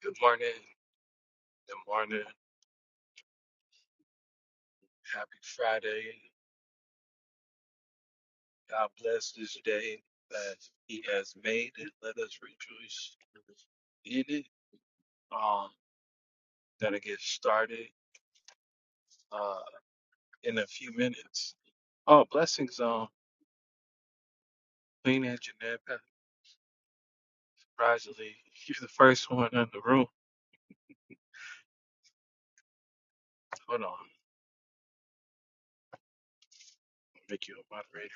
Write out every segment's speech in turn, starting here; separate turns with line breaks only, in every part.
Good morning. Good morning. Happy Friday. God bless this day that He has made and let us rejoice in it. Um, gonna get started uh in a few minutes. Oh, blessings um Queen and Jeanette Pat- surprisingly, you're the first one in the room. Hold on, make you a moderator.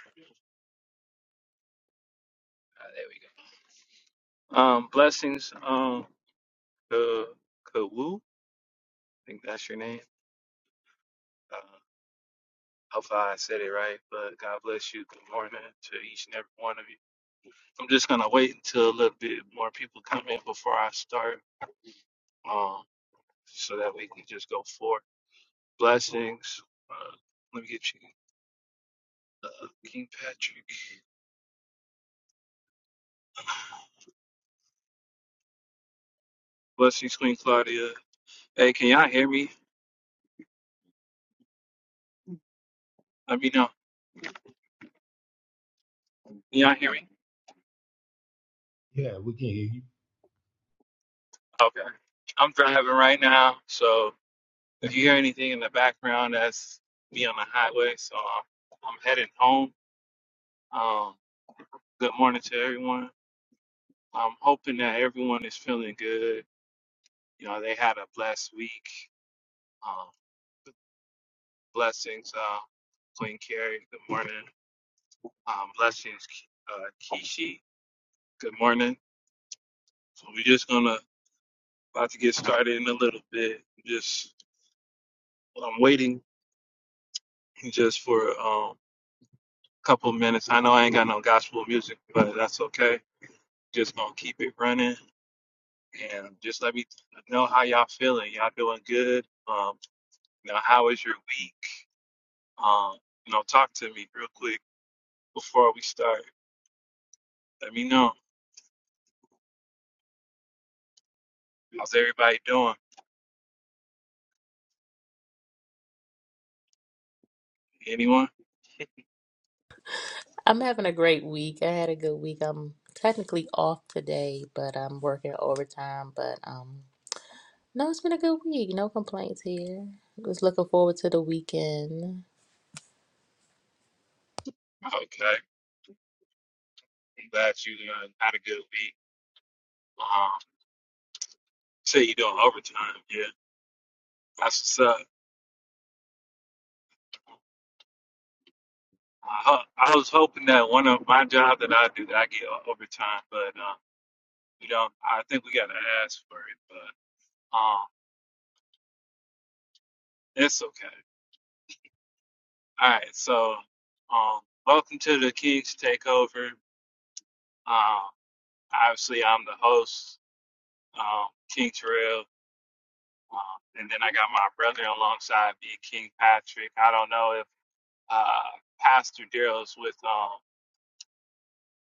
Ah, there we go. Um blessings um to Kawu, I think that's your name. Uh, Hopefully I said it right, but God bless you. Good morning to each and every one of you. I'm just gonna wait until a little bit more people come in before I start, um, so that we can just go forward. Blessings. Uh, let me get you, uh, King Patrick. Blessings, Queen Claudia. Hey, can y'all hear me? Let me know. Can y'all hear me?
Yeah, we can hear
Okay. I'm driving right now, so if you hear anything in the background, that's me on the highway. So I'm, I'm headed home. Um, good morning to everyone. I'm hoping that everyone is feeling good. You know, they had a blessed week. Um, blessings, uh, Queen Carrie. Good morning. Um, blessings, uh, Kishi. Good morning. So we're just gonna about to get started in a little bit. Just I'm waiting just for um, a couple minutes. I know I ain't got no gospel music, but that's okay. Just gonna keep it running and just let me know how y'all feeling. Y'all doing good? Um, now, how is your week? Um, you know, talk to me real quick before we start. Let me know. How's everybody doing? Anyone?
I'm having a great week. I had a good week. I'm technically off today, but I'm working overtime. But um, no, it's been a good week. No complaints here. Just looking forward to the weekend.
Okay. I'm glad you uh, had a good week. Um, say you doing overtime. Yeah. That's what's up. I, ho- I was hoping that one of my job that I do that I get o- overtime, but uh, you know, I think we gotta ask for it. But um, it's okay. All right. So, um, welcome to the Kings Takeover. Um, obviously I'm the host. um, King Terrell, um, and then I got my brother alongside me, King Patrick. I don't know if uh, Pastor Daryl's with um,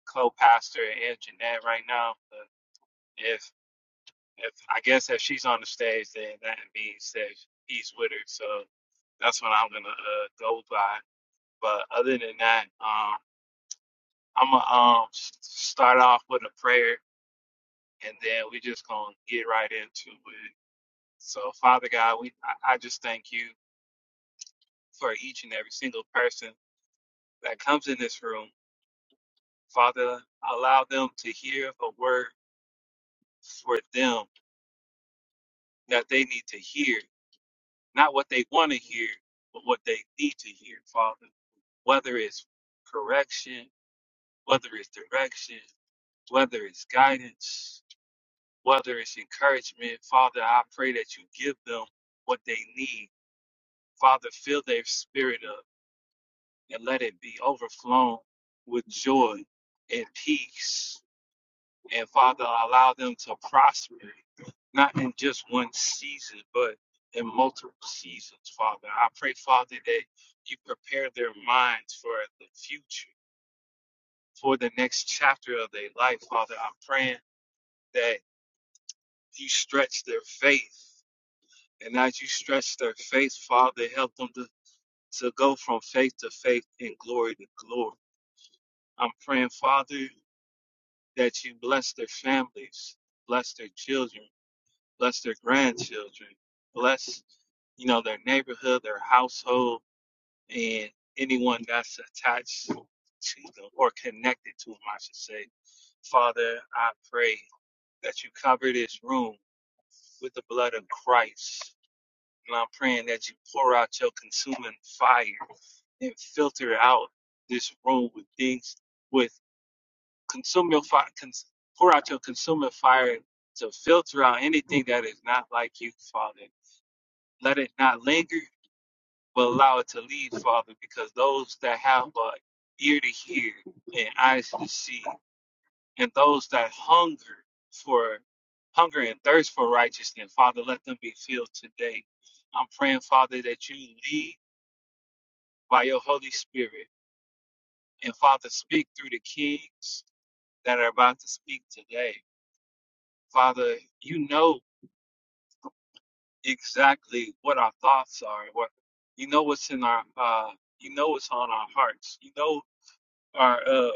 co-pastor and Jeanette right now, but if if I guess if she's on the stage, then that means that he's with her. So that's what I'm gonna uh, go by. But other than that, um, I'm gonna um, s- start off with a prayer, and then we just gonna get right into it. So, Father God, we I, I just thank you. for each and every single person that comes in this room. Father, allow them to hear a word for them that they need to hear, not what they want to hear, but what they need to hear, Father. Whether it's correction, whether it's direction, whether it's guidance, whether it's encouragement, Father, I pray that you give them what they need. Father, fill their spirit up and let it be overflown with joy and peace And Father, allow them to prosper, not in just one season, but in multiple seasons, Father. I pray, Father, that you prepare their minds for the future, for the next chapter of their life, Father. I'm praying that you stretch their faith. And as you stretch their faith, Father, help them to, to go from faith to faith and glory to glory. I'm praying, Father, that you bless their families, bless their children bless their grandchildren, bless, you know, their neighborhood, their household, and anyone that's attached to them or connected to them, I should say. Father, I pray that you cover this room with the blood of Christ. And I'm praying that you pour out your consuming fire and filter out this room with things, with consume your fire, cons- pour out your consuming fire to filter out anything that is not like you, Father. Let it not linger, but allow it to leave, Father, because those that have a ear to hear and eyes to see, and those that hunger for hunger and thirst for righteousness, Father, let them be filled today. I'm praying, Father, that you lead by your Holy Spirit. And Father, speak through the kings that are about to speak today. Father, you know exactly what our thoughts are, what you know what's in our uh, you know what's on our hearts. You know our uh,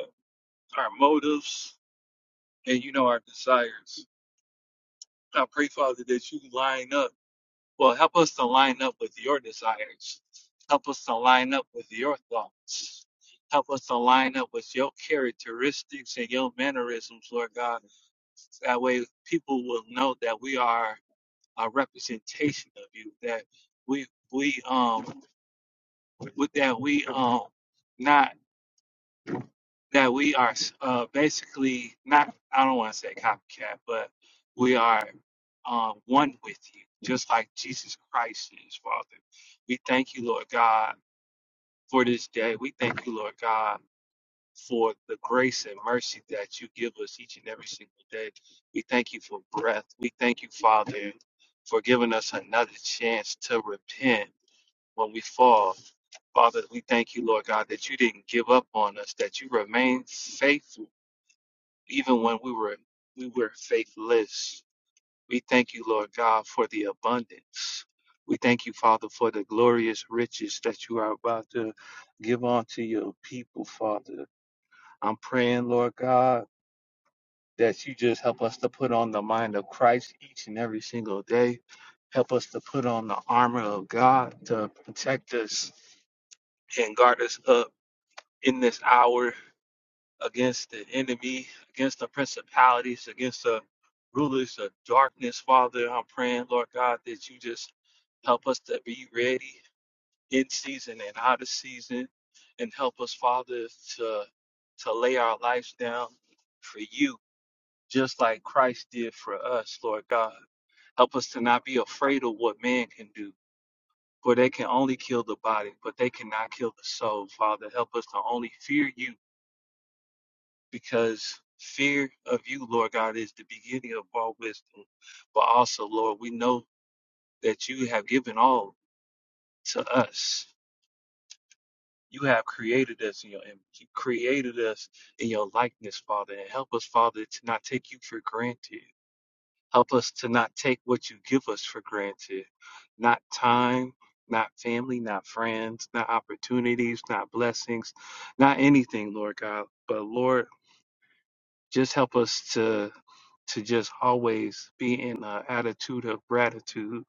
our motives and you know our desires. I pray, Father, that you line up. Well, help us to line up with your desires. Help us to line up with your thoughts. Help us to line up with your characteristics and your mannerisms, Lord God. That way, people will know that we are a representation of you. That we we um with that we um. not. that we are uh, basically not, I don't want to say copycat, but we are uh, one with you, just like Jesus Christ is, Father. We thank you, Lord God, for this day. We thank you, Lord God, for the grace and mercy that you give us each and every single day. We thank you for breath. We thank you, Father, for giving us another chance to repent when we fall. Father, we thank you, Lord God, that you didn't give up on us, that you remain faithful even when we were we were faithless. We thank you, Lord God, for the abundance. We thank you, Father, for the glorious riches that you are about to give unto your people, Father. I'm praying, Lord God, that you just help us to put on the mind of Christ each and every single day. Help us to put on the armor of God to protect us and guard us up in this hour against the enemy, against the principalities, against the rulers of darkness. Father, I'm praying, Lord God, that you just help us to be ready in season and out of season, and help us, Father, to to lay our lives down for you, just like Christ did for us, Lord God. Help us to not be afraid of what man can do. For they can only kill the body, but they cannot kill the soul. Father, help us to only fear you because fear of you, Lord God, is the beginning of all wisdom. But also, Lord, we know that you have given all to us. You have created us in your image. You created us in your likeness, Father. And help us, Father, to not take you for granted. Help us to not take what you give us for granted. Not time, not family, not friends, not opportunities, not blessings, not anything, Lord God. But Lord, Just help us to to just always be in an attitude of gratitude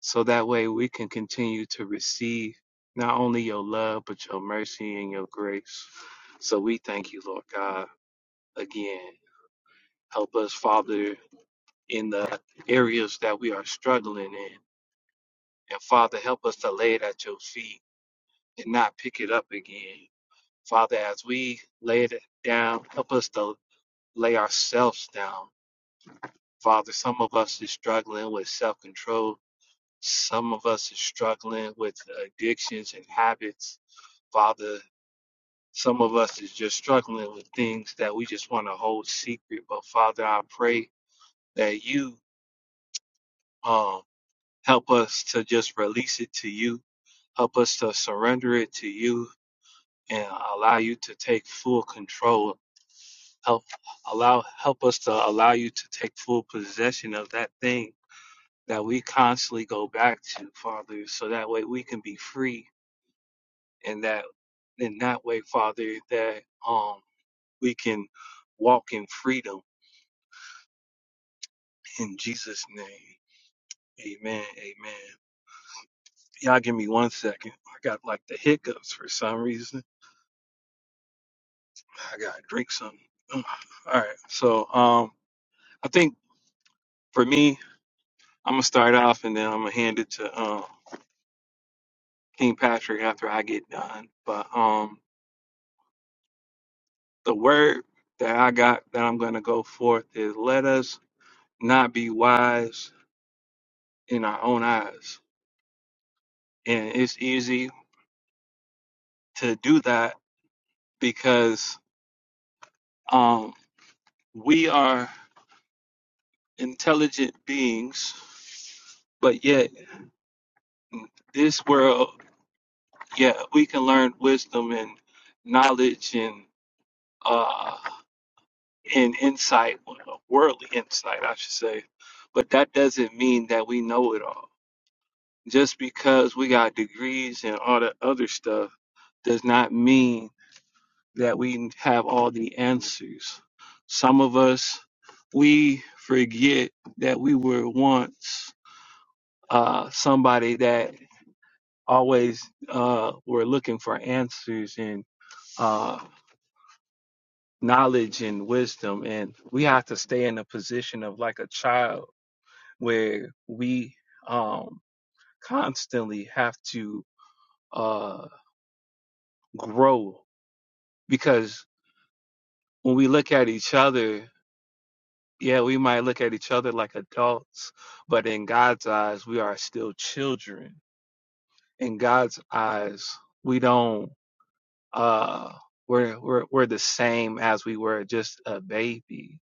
so that way we can continue to receive not only your love but your mercy and your grace so we thank you lord god again help us father in the areas that we are struggling in and father help us to lay it at your feet and not pick it up again father as we lay it down help us to lay ourselves down Father, some of us is struggling with self control. Some of us is struggling with addictions and habits. Father, some of us is just struggling with things that we just want to hold secret. But Father, I pray that you um, help us to just release it to you. Help us to surrender it to you and allow you to take full control. Help allow help us to allow you to take full possession of that thing that we constantly go back to, Father, so that way we can be free and that in that way, Father, that um we can walk in freedom in Jesus' name. Amen. Amen. Y'all give me one second. I got like the hiccups for some reason. I gotta drink something. All right. So um I think for me, I'm gonna start off and then I'm gonna hand it to um King Patrick after I get done. But um the word that I got that I'm going to go forth is let us not be wise in our own eyes. And it's easy to do that because um, we are intelligent beings, but yet in this world, yeah, we can learn wisdom and knowledge and uh, and insight, well, worldly insight, I should say. But that doesn't mean that we know it all Just because we got degrees and all the other stuff does not mean that we have all the answers. Some of us, we forget that we were once uh, somebody that always uh, were looking for answers and uh, knowledge and wisdom. And we have to stay in a position of like a child where we um, constantly have to uh, grow because when we look at each other, yeah, we might look at each other like adults, but in God's eyes, we are still children. In God's eyes, we don't uh we're we're we're the same as we were just a baby,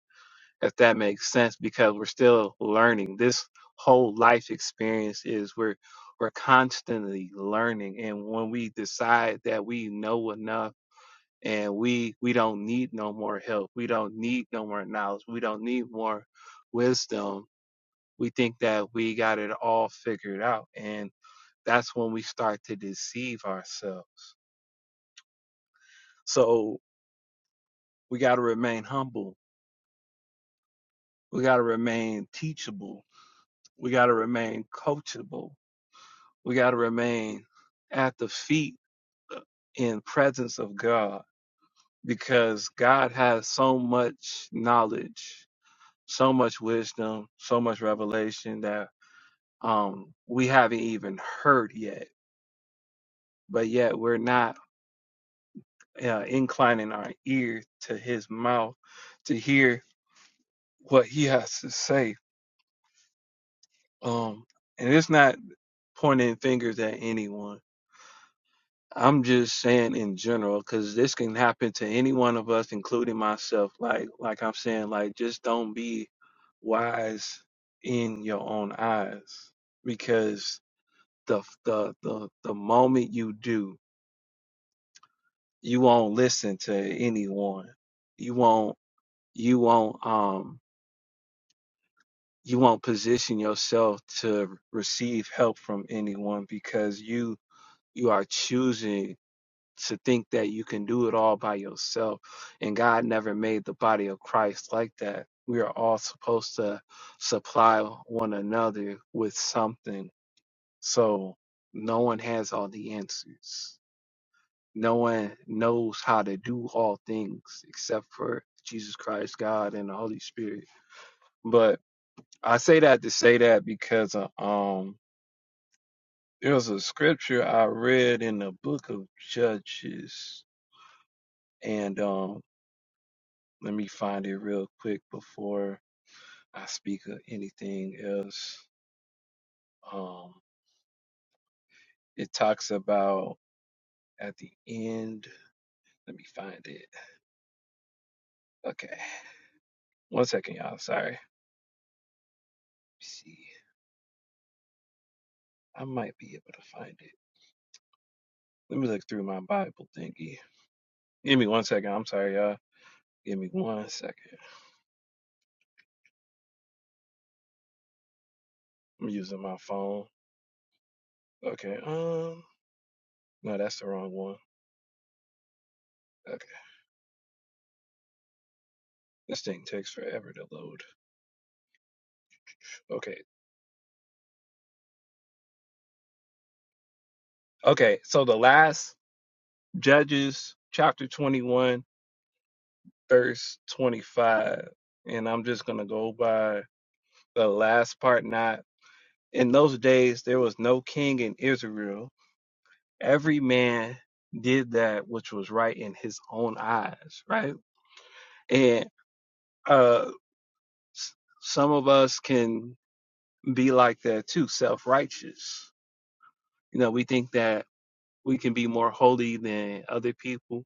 if that makes sense, because we're still learning. This whole life experience is we're we're constantly learning. And when we decide that we know enough and we we don't need no more help we don't need no more knowledge we don't need more wisdom we think that we got it all figured out and that's when we start to deceive ourselves so we got to remain humble we got to remain teachable we got to remain coachable we got to remain at the feet in presence of god because god has so much knowledge so much wisdom so much revelation that um, we haven't even heard yet, but yet we're not uh, inclining our ear to his mouth to hear what he has to say. Um, and it's not pointing fingers at anyone. I'm just saying in general, because this can happen to any one of us, including myself. Like, like I'm saying, like just don't be wise in your own eyes, because the the the the moment you do you won't listen to anyone you won't you won't um you won't position yourself to receive help from anyone because you you are choosing to think that you can do it all by yourself and God never made the body of Christ like that we are all supposed to supply one another with something so no one has all the answers No one knows how to do all things except for Jesus Christ, God, and the Holy Spirit. But I say that to say that because uh, um there was a scripture I read in the book of Judges, and um let me find it real quick before I speak of anything else. Um, it talks about at the end. Let me find it. Okay, one second, y'all. Sorry. Let me see. I might be able to find it. Let me look through my Bible thingy. Give me one second. I'm sorry, y'all. Give me one second. I'm using my phone. Okay. Um. No, that's the wrong one. Okay. This thing takes forever to load. Okay. Okay. So the last Judges chapter 21, verse 25. And I'm just going to go by the last part. Not in those days, there was no king in Israel. Every man did that which was right in his own eyes, right? And uh, some of us can be like that too, self righteous. You know, we think that we can be more holy than other people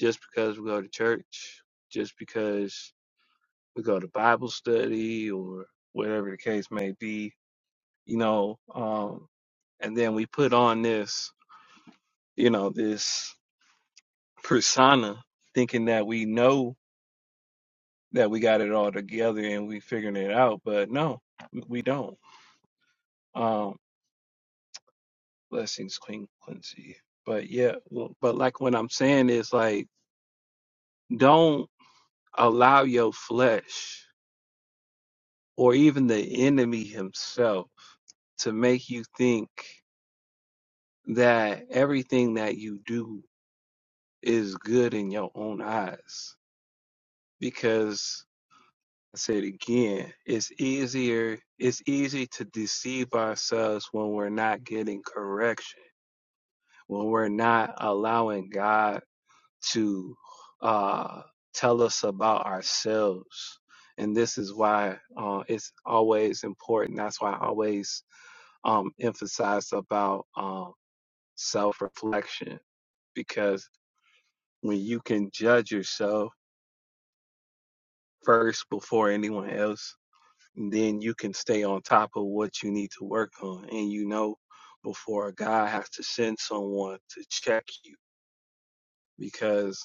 just because we go to church, just because we go to Bible study or whatever the case may be, you know, um, and then we put on this, you know, this persona thinking that we know that we got it all together and we figuring it out, but no, we don't. Um, Blessings, Queen Quincy. But yeah, well, but like what I'm saying is like, don't allow your flesh or even the enemy himself to make you think that everything that you do is good in your own eyes. Because I said again, it's easier, it's easy to deceive ourselves when we're not getting correction, when we're not allowing God to uh, tell us about ourselves. And this is why uh, it's always important. That's why I always um, emphasize about um, self reflection, because when you can judge yourself first before anyone else, then you can stay on top of what you need to work on. And you know, before God has to send someone to check you, because.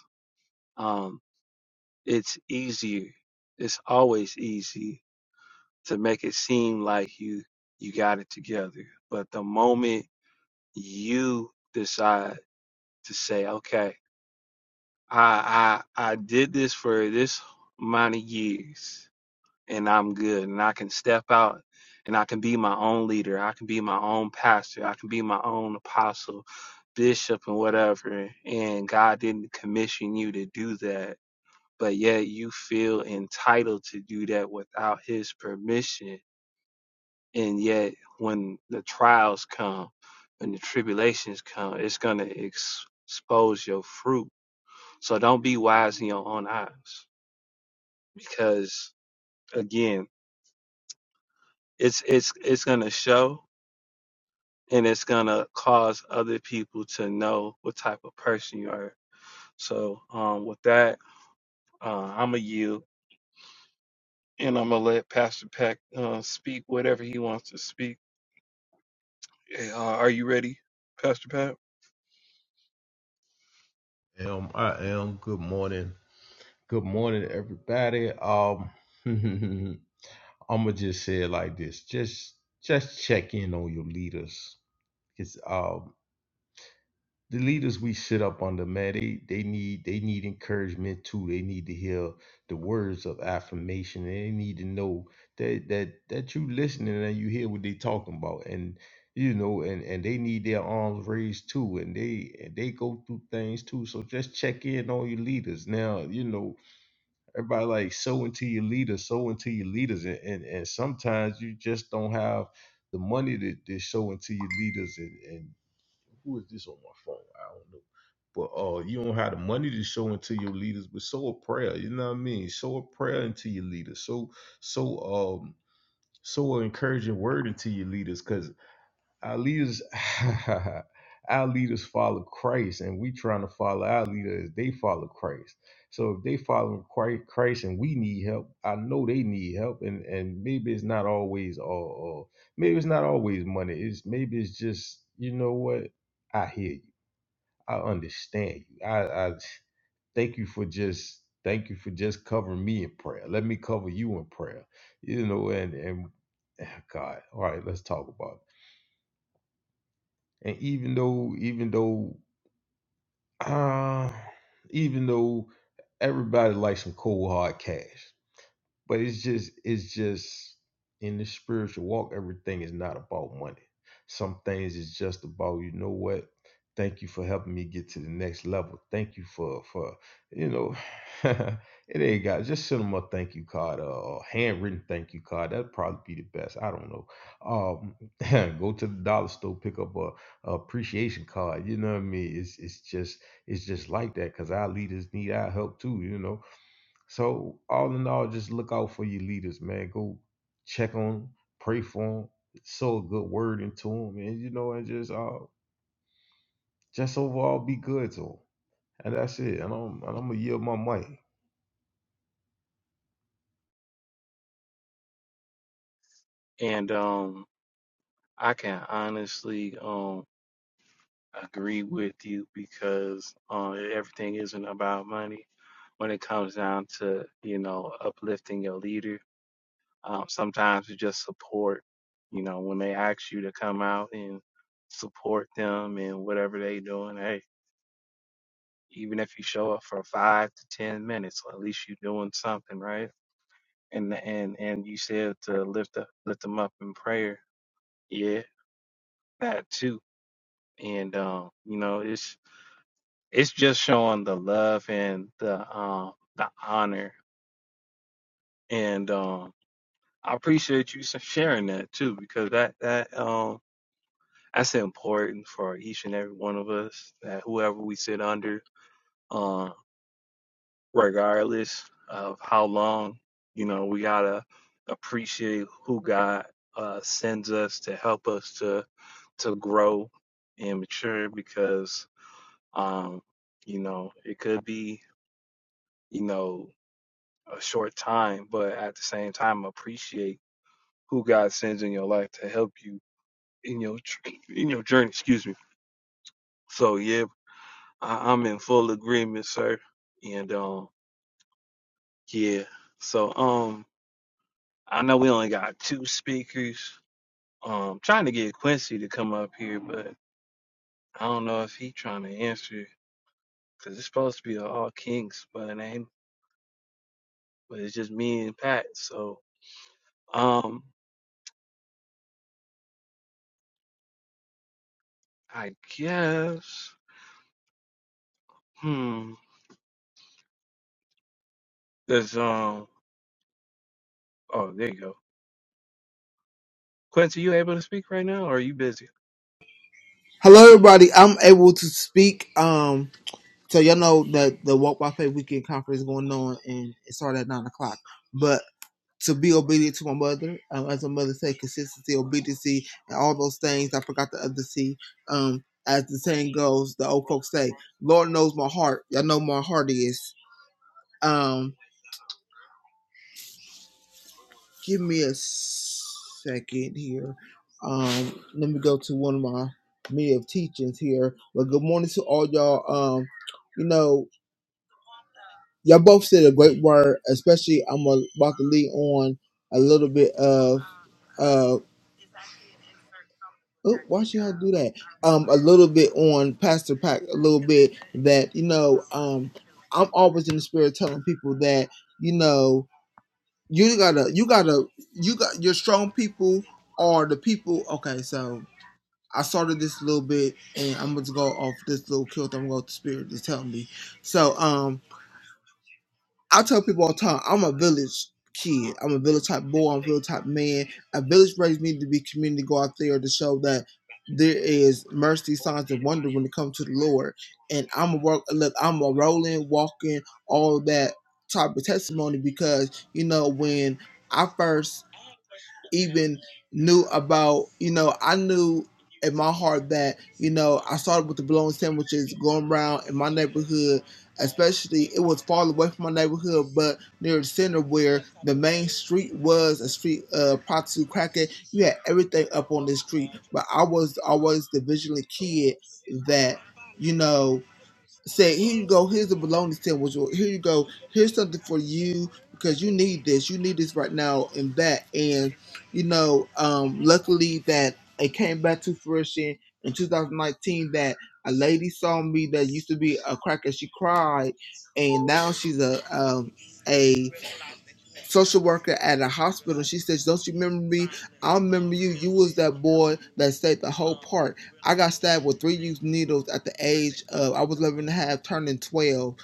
um, it's easier. It's always easy to make it seem like you you got it together. But the moment you decide to say, okay, I I I did this for this amount of years and I'm good and I can step out and I can be my own leader, I can be my own pastor, I can be my own apostle, bishop and whatever and God didn't commission you to do that but yet you feel entitled to do that without his permission. And yet, when the trials come, when the tribulations come, it's going to ex- expose your fruit. So don't be wise in your own eyes, because again, it's it's it's going to show, and it's going to cause other people to know what type of person you are. So, um, with that, uh, I'm going to yield, and I'm gonna let Pastor Peck uh, speak whatever he wants to speak. Uh, are you ready, Pastor Pat?
you. Um, I am. Good morning. Good morning, everybody. Um, I'ma just say it like this: just, just check in on your leaders. It's uh, the leaders we sit up under, man, they they need they need encouragement too. They need to hear the words of affirmation. And they need to know that that that you listening and you hear what they talking about. And you know, and and they need their arms raised too. And they and they go through things too. So just check in on your leaders. Now, you know, everybody like sow into your leaders, sow into your leaders. And and, and sometimes you just don't have the money to, to sow into your leaders and. and who is this on my phone? I don't know. But uh, you don't have the money to show into your leaders, but sow a prayer. You know what I mean? Sow a prayer into your leaders. So so um sow an encouraging word into your leaders, 'cause our leaders, our leaders follow Christ, and we trying to follow our leader as they follow Christ. So if they follow Christ, Christ and we need help, I know they need help, and and maybe it's not always all, all maybe it's not always money. It's maybe it's just you know what I hear you, I understand you. I, I thank you for just thank you for just covering me in prayer. Let me cover you in prayer. You know, and and God, all right, let's talk about. it and even though even though uh, even though everybody likes some cold hard cash but it's just it's just in the spiritual walk, everything is not about money. Some things is just about, you know what? Thank you for helping me get to the next level. Thank you for for you know it ain't got just send them a thank you card uh, or handwritten thank you card. That'd probably be the best. I don't know. Um go to the dollar store, pick up a, a appreciation card. You know what I mean? It's it's just it's just like that because our leaders need our help too, you know so all in all, just look out for your leaders, man. Go check on 'em, pray for them, sow a good word into them, and you know, and just uh, just overall be good to them. And that's it. And I'm and I'm gonna yield my mic.
And um, I can honestly um agree with you because uh, everything isn't about money. When it comes down to you know uplifting your leader, um, sometimes it's just support. You know when they ask you to come out and support them and whatever they doing, hey, even if you show up for five to ten minutes, at least you're doing something, right? And and and you said to lift up, lift them up in prayer Yeah, that too. And um, you know, it's it's just showing the love and the um the honor. And um I appreciate you s- sharing that too because that that um that's important for each and every one of us that whoever we sit under, um, regardless of how long, you know, we gotta appreciate who God uh sends us to help us to to grow and mature because Um, you know, it could be, you know, a short time, but at the same time, appreciate who God sends in your life to help you in your tr- in your journey. Excuse me. So yeah, I, I'm in full agreement, sir. And um, yeah. So um, I know we only got two speakers. Um, trying to get Quincy to come up here, but I don't know if he trying to answer because it's supposed to be a all kinks, but it ain't. But it's just me and Pat. So. Um, I guess. Hmm. There's um. Oh, there you go. Quincy, you able to speak right now, or are you busy?
Hello, everybody. I'm able to speak. Um, so y'all know that the Walk by Faith Weekend Conference is going on, and it started at nine o'clock. But to be obedient to my mother, um, as my mother said, consistency, obedience, and all those things. I forgot the other C. Um, as the saying goes, the old folks say, "Lord knows my heart." Y'all know my heart is. Um, give me a second here. Um, let me go to one of my many of teachings here. But good morning to all y'all. Um, you know. Y'all both said a great word, especially I'm gonna about to lead on a little bit of uh oh, why should I do that? Um a little bit on Pastor Pack a little bit that, you know, um I'm always in the spirit telling people that, you know, you gotta you gotta you got your strong people are the people okay, so I started this a little bit and I'm gonna go off this little kilt I'm gonna go to spirit is telling me. So um I tell people all the time, I'm a village kid. I'm a village type boy. I'm a village type man. A village raised me to be community to go out there to show that there is mercy, signs, and wonder when it comes to the Lord. And I'm a work. Look, I'm a rolling, walking, all that type of testimony because you know when I first even knew about, you know, I knew in my heart that, you know, I started with the bologna sandwiches going around in my neighborhood, especially it was far away from my neighborhood, but near the center where the main street was a street uh prostitute cracker. You had everything up on this street. But I was always the vigilant kid that, you know say, here you go, here's a bologna sandwich, or here you go, here's something for you because you need this, you need this right now and that. And you know, um, luckily that it came back to fruition in 2019 that a lady saw me that used to be a cracker, she cried, and now she's a um, a social worker at a hospital. She says, "Don't you remember me? I remember you. You was that boy that stayed the whole park. I got stabbed with three used needles at the age of I was 11 and a half, turning 12,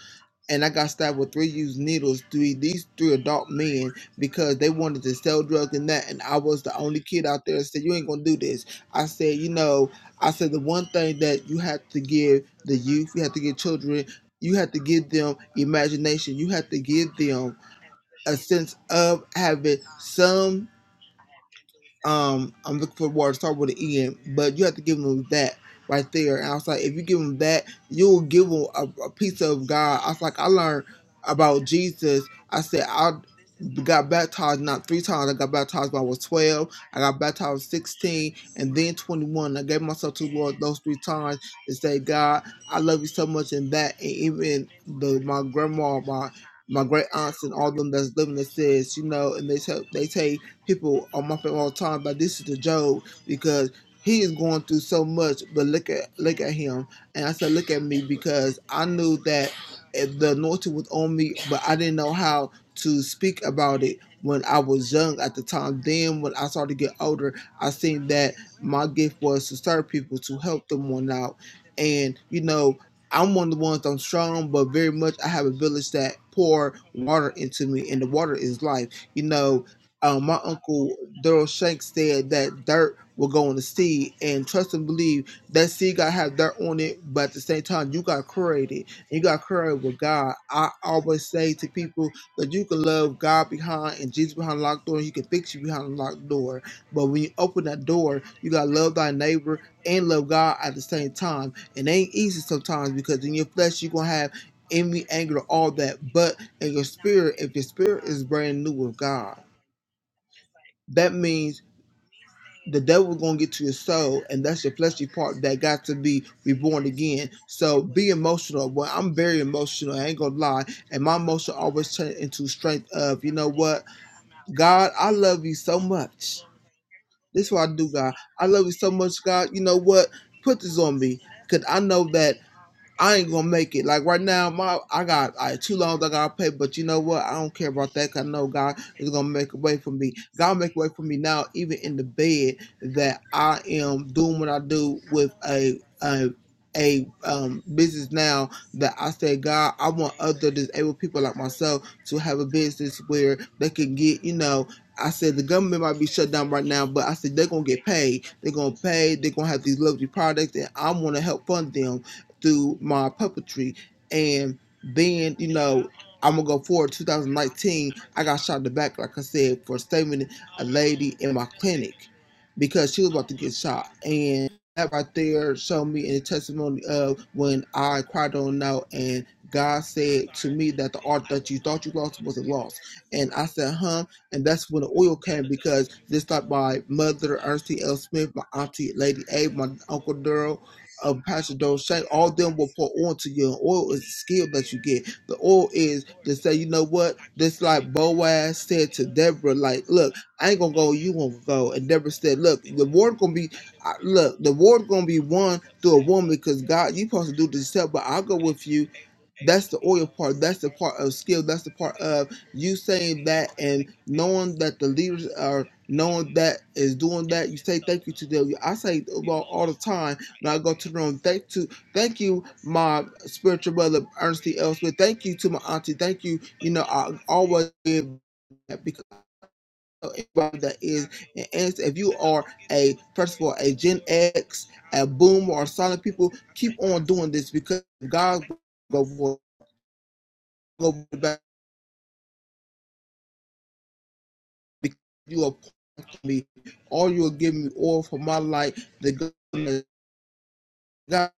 and I got stabbed with three used needles. Three these three adult men because they wanted to sell drugs and that, and I was the only kid out there that said you ain't gonna do this. I said, you know, I said the one thing that you have to give the youth, you have to give children." You have to give them imagination. You have to give them a sense of having some um, I'm looking for water. Start with an E N, but you have to give them that right there. And I was like, if you give them that, you'll give them a, a piece of God. I was like, I learned about Jesus. I said, I got baptized not three times. I got baptized when I was 12. I got baptized when I was 16, and then 21. I gave myself to the Lord those three times to say, God, I love you so much. And that, and even the my grandma, my my great aunts and all them that's living that says, you know, and they tell they say people are mocking all the time but this is the Job because he is going through so much. But look at look at him, and I said, look at me because I knew that eh, the anointing was on me, but I didn't know how to speak about it when I was young at the time. Then when I started to get older, I seen that my gift was to serve people, to help them one out, and you know. I'm one of the ones I'm strong, but very much I have a village that pour water into me, and the water is life. You know, um, my uncle Daryl Shanks said that dirt will go on the seed, and trust and believe that seed got to have dirt on it, but at the same time, you got created. You got created with God. I always say to people that you can love God behind and Jesus behind the locked door, and He can fix you behind the locked door. But when you open that door, you got to love thy neighbor and love God at the same time. It ain't easy sometimes because in your flesh, you're going to have envy, anger, all that. But in your spirit, if your spirit is brand new with God, that means the devil's gonna get to your soul, and that's your fleshy part that got to be reborn again. So be emotional. Well, I'm very emotional. I ain't gonna lie, and my emotion always turn into strength. Of you know what, God, I love you so much. This is what I do, God. I love you so much, God. You know what? Put this on me, cause I know that. I ain't gonna make it. Like right now, my I got I two loans I gotta pay, but you know what? I don't care about that. 'cause I know God is gonna make a way for me. God make a way for me now, even in the bed that I am doing what I do with a a a um business now that I say God, I want other disabled people like myself to have a business where they can get you know. I said the government might be shut down right now, but I said they're gonna get paid. They're gonna pay. They're gonna have these luxury products, and I want to help fund them through my puppetry and then you know, I'm gonna go forward. 2019, I got shot in the back, like I said, for stabbing a lady in my clinic because she was about to get shot. And that right there showed me in the testimony of when I cried on out and God said to me that the art that you thought you lost wasn't lost. And I said, huh? And that's when the oil came because just like my mother, Ernestine L. Smith, my auntie Lady A, my uncle Daryl, of Pastor Don Dolce, all of them will pour onto you. And oil is the skill that you get. The oil is to say, you know what? This like Boaz said to Deborah, like, look, I ain't gonna go, you gonna go. And Deborah said, look, the word gonna be, I- look, the word gonna be won through a woman because God, you supposed to do this yourself, but I'll go with you that's the oil part. That's the part of skill. That's the part of you saying that and knowing that the leaders are knowing that is doing that. You say thank you to them. I say about all the time now go to the room. Thank to thank you, my spiritual brother Ernestine Elsmith. Thank you to my auntie. Thank you. You know, I always give that because of everybody that is an answer. If you are a first of all a Gen X, a boomer, or silent people, keep on doing this because God will go go back because you are to me, all you will give me all for my life, the God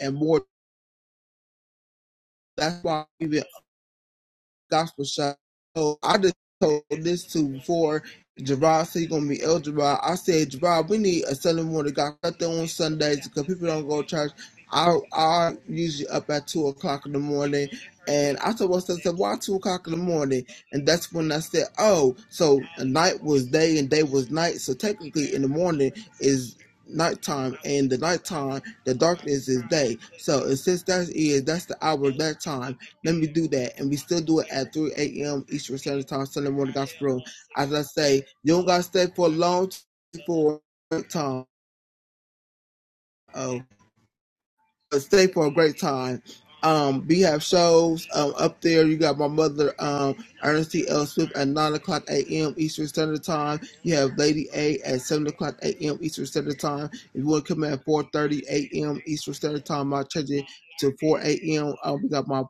and more. That's why even gospel shop. So I just told this to before Gerard said he gonna be El Gerard. I said Gerard, we need a Sunday morning gospel out there on Sundays because people don't go to church. I I usually up at two o'clock in the morning, and I told myself, I said, "Why two o'clock in the morning?" And that's when I said, "Oh, so night was day and day was night. So technically, in the morning is nighttime, and the nighttime, the darkness is day. So and since that is that's the hour of that time." Let me do that. And we still do it at 3 a.m. Eastern Standard Time, Sunday morning gospel. As I say, you don't got to stay for a long t- for a time. Oh stay for a great time. Um, we have shows um, up there. You got my mother, um, Ernestine L. Swift, at 9 o'clock a.m. Eastern Standard Time. You have Lady A at 7 o'clock a.m. Eastern Standard Time. If you want to come at 4.30 a.m. Eastern Standard Time, I'll change it to 4 a.m. Um, we got my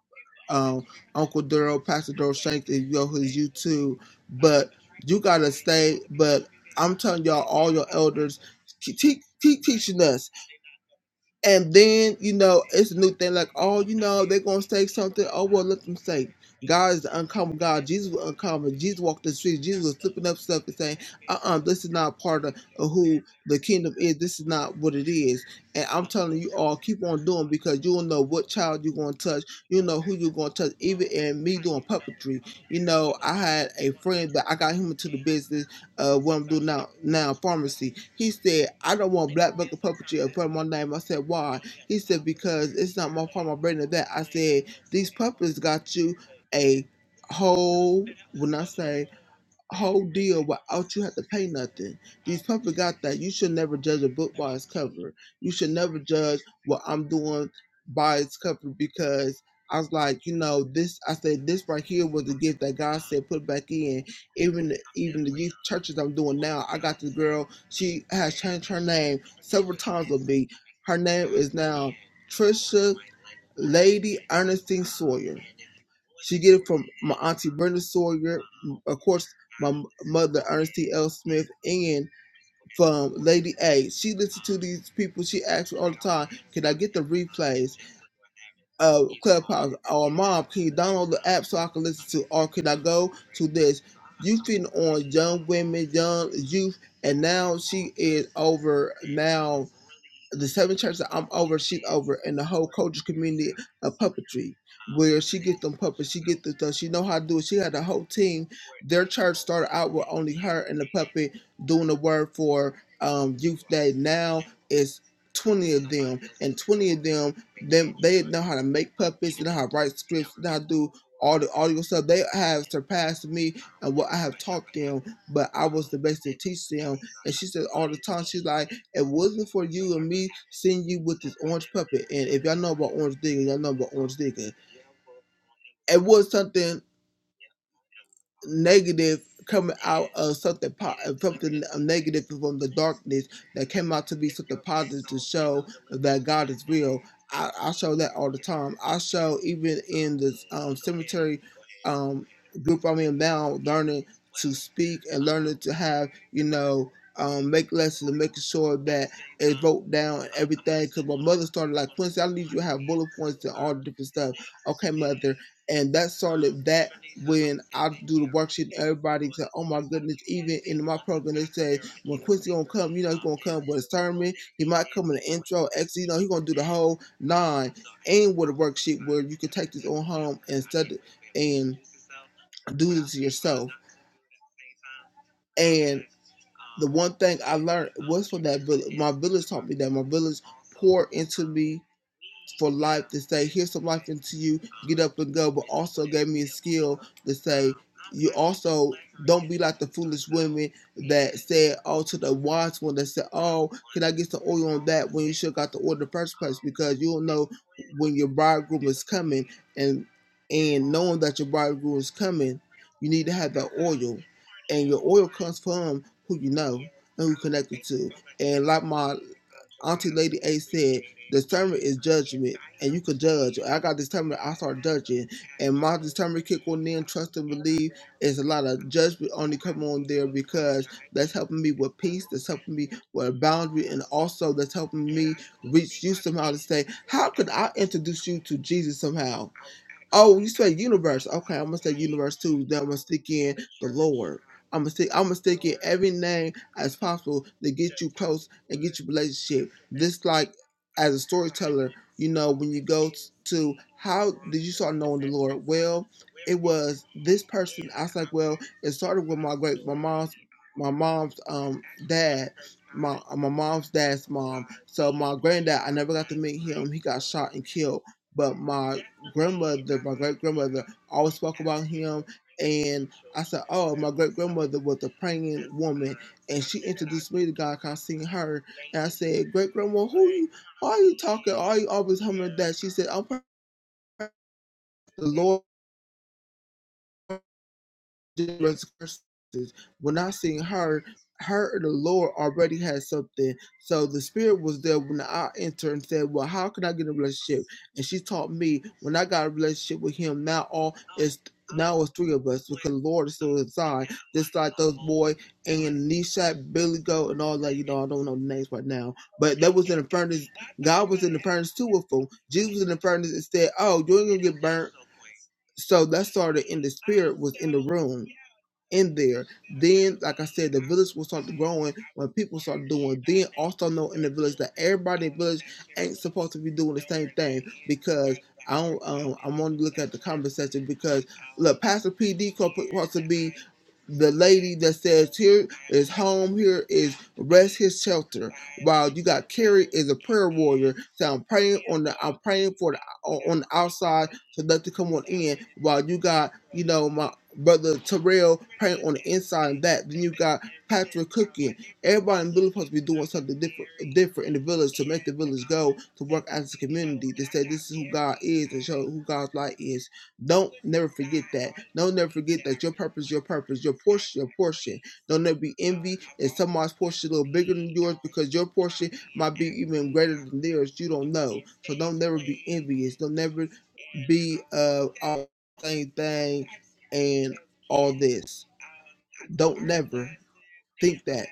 um, Uncle Daryl, Pastor Daryl Shanks, if you go to his YouTube. But you got to stay. But I'm telling y'all, all your elders, keep, keep, keep teaching us. And then, you know, it's a new thing like, oh, you know, they're going to say something. Oh, well, let them say. God is the uncommon God. Jesus was uncommon. Jesus walked the streets. Jesus was flipping up stuff and saying, uh uh this is not part of, of who the kingdom is. This is not what it is. And I'm telling you all, keep on doing because you'll know what child you're going to touch. you know who you're going to touch. Even in me doing puppetry, you know, I had a friend that I got him into the business uh, what I'm doing now, now pharmacy. He said, I don't want black bucket puppetry in front of my name. I said, why? He said, because it's not my part of my brain of that. I said, these puppets got you a whole, when I say whole deal without you have to pay nothing. These puppets got that. You should never judge a book by its cover. You should never judge what I'm doing by its cover because I was like, you know, this I said this right here was a gift that God said put back in. Even even the youth churches I'm doing now, I got this girl, she has changed her name several times with me. Her name is now Trisha Lady Ernestine Sawyer. She get it from my auntie Brenda Sawyer, of course, my mother Ernestine L. Smith, and from Lady A. She listens to these people. She asks me all the time, "Can I get the replays of Clubhouse?" Or, "Mom, can you download the app so I can listen to?" Or, "Can I go to this?" You feeding on young women, young youth, and now she is over now the seven churches that I'm over, she's over, and the whole culture community of puppetry, where she get them puppets, she get the stuff, she know how to do it. She had a whole team. Their church started out with only her and the puppet doing the word for um, youth day. Now it's 20 of them, and 20 of them, them they know how to make puppets, they know how to write scripts, they know how to do all the audio stuff. They have surpassed me and what I have taught them, but I was the best to teach them. And she said all the time, she's like. It wasn't for you and me seeing you with this orange puppet. And if y'all know about Orange Digger, y'all know about Orange Digger. It was something negative coming out of something po- of something negative from the darkness that came out to be something positive to show that God is real. I, I show that all the time. I show even in this um, cemetery um, group I'm in now, learning to speak and learning to have you know. Um, make lessons and making sure that it's wrote down and everything. Cause my mother started like Quincy, I need you to have bullet points and all the different stuff. Okay, mother, and that started that when I do the worksheet, everybody said, "Oh my goodness!" Even in my program, they say when Quincy gonna come, you know he's gonna come with a sermon. He might come in the intro, exit. You know he's gonna do the whole nine, and with a worksheet where you can take this on home and study and do this yourself. And the one thing I learned was from that village. My village taught me that my village poured into me for life to say, here's some life into you, get up and go, but also gave me a skill to say, you also don't be like the foolish women that said, oh, to the wise one that said, oh, can I get some oil on that when you should have got the oil in the first place? Because you don't know when your bridegroom is coming and and knowing that your bridegroom is coming, you need to have that oil. And your oil comes from who you know and who connected to. And like my Auntie Lady A said, discernment is judgment, and you could judge. I got discernment, I start judging. And my discernment kick on in, trust and believe. is a lot of judgment only come on there because that's helping me with peace, that's helping me with a boundary, and also that's helping me reach you somehow to say, how could I introduce you to Jesus somehow? Oh, you said universe. Okay, I'm gonna say universe too. Then I'm gonna stick in the Lord. I'm gonna stick. I'm gonna stick in every name as possible to get you close and get you relationship. This like as a storyteller, you know, when you go t- to how did you start knowing the Lord? Well, it was this person. I was like, well, it started with my great my mom's my mom's um dad. My uh, my mom's dad's mom. So my granddad, I never got to meet him. He got shot and killed but my grandmother, my great grandmother, always spoke about him. And I said, Oh, my great grandmother was a praying woman. And she introduced me to God 'cause I seen her. And I said, Great grandma, who you, why are you talking? Why are you always humming that? She said, I'm praying to the Lord different verses. When I seen her, her the Lord already had something. So the spirit was there when I entered and said, Well, how can I get a relationship? And she taught me when I got a relationship with him, now all is now it's three of us because the Lord is still inside. Just like those boy and Nishak, Billy Go and all that, you know, I don't know the names right now. But that was in the furnace. God was in the furnace too with them. Jesus was in the furnace and said, Oh, you ain't gonna get burnt. So that started in the spirit was in the room in there. Then, like I said, the village will start growing when people start doing. Then also know in the village that everybody in the village ain't supposed to be doing the same thing because I don't. Um, I'm only looking at the comment section because look, Pastor PD supposed to be the lady that says here is home, here is rest, his shelter. While you got Carrie is a prayer warrior, so I'm praying on the I'm praying for the on the outside to let to come on in. While you got you know my brother Terrell praying on the inside and that. Then you got Patrick cooking. Everybody in the village supposed to be doing something different, different in the village to make the village go to work as a community to say this is who God is and show who God's light is. Don't never forget that. Don't never forget that your purpose, your purpose, your portion, your portion. Don't never be envy if someone's portion a little bigger than yours because your portion might be even greater than theirs. You don't know. So don't never be envious. Don't never be uh all the same thing and all this. Don't never. Think that.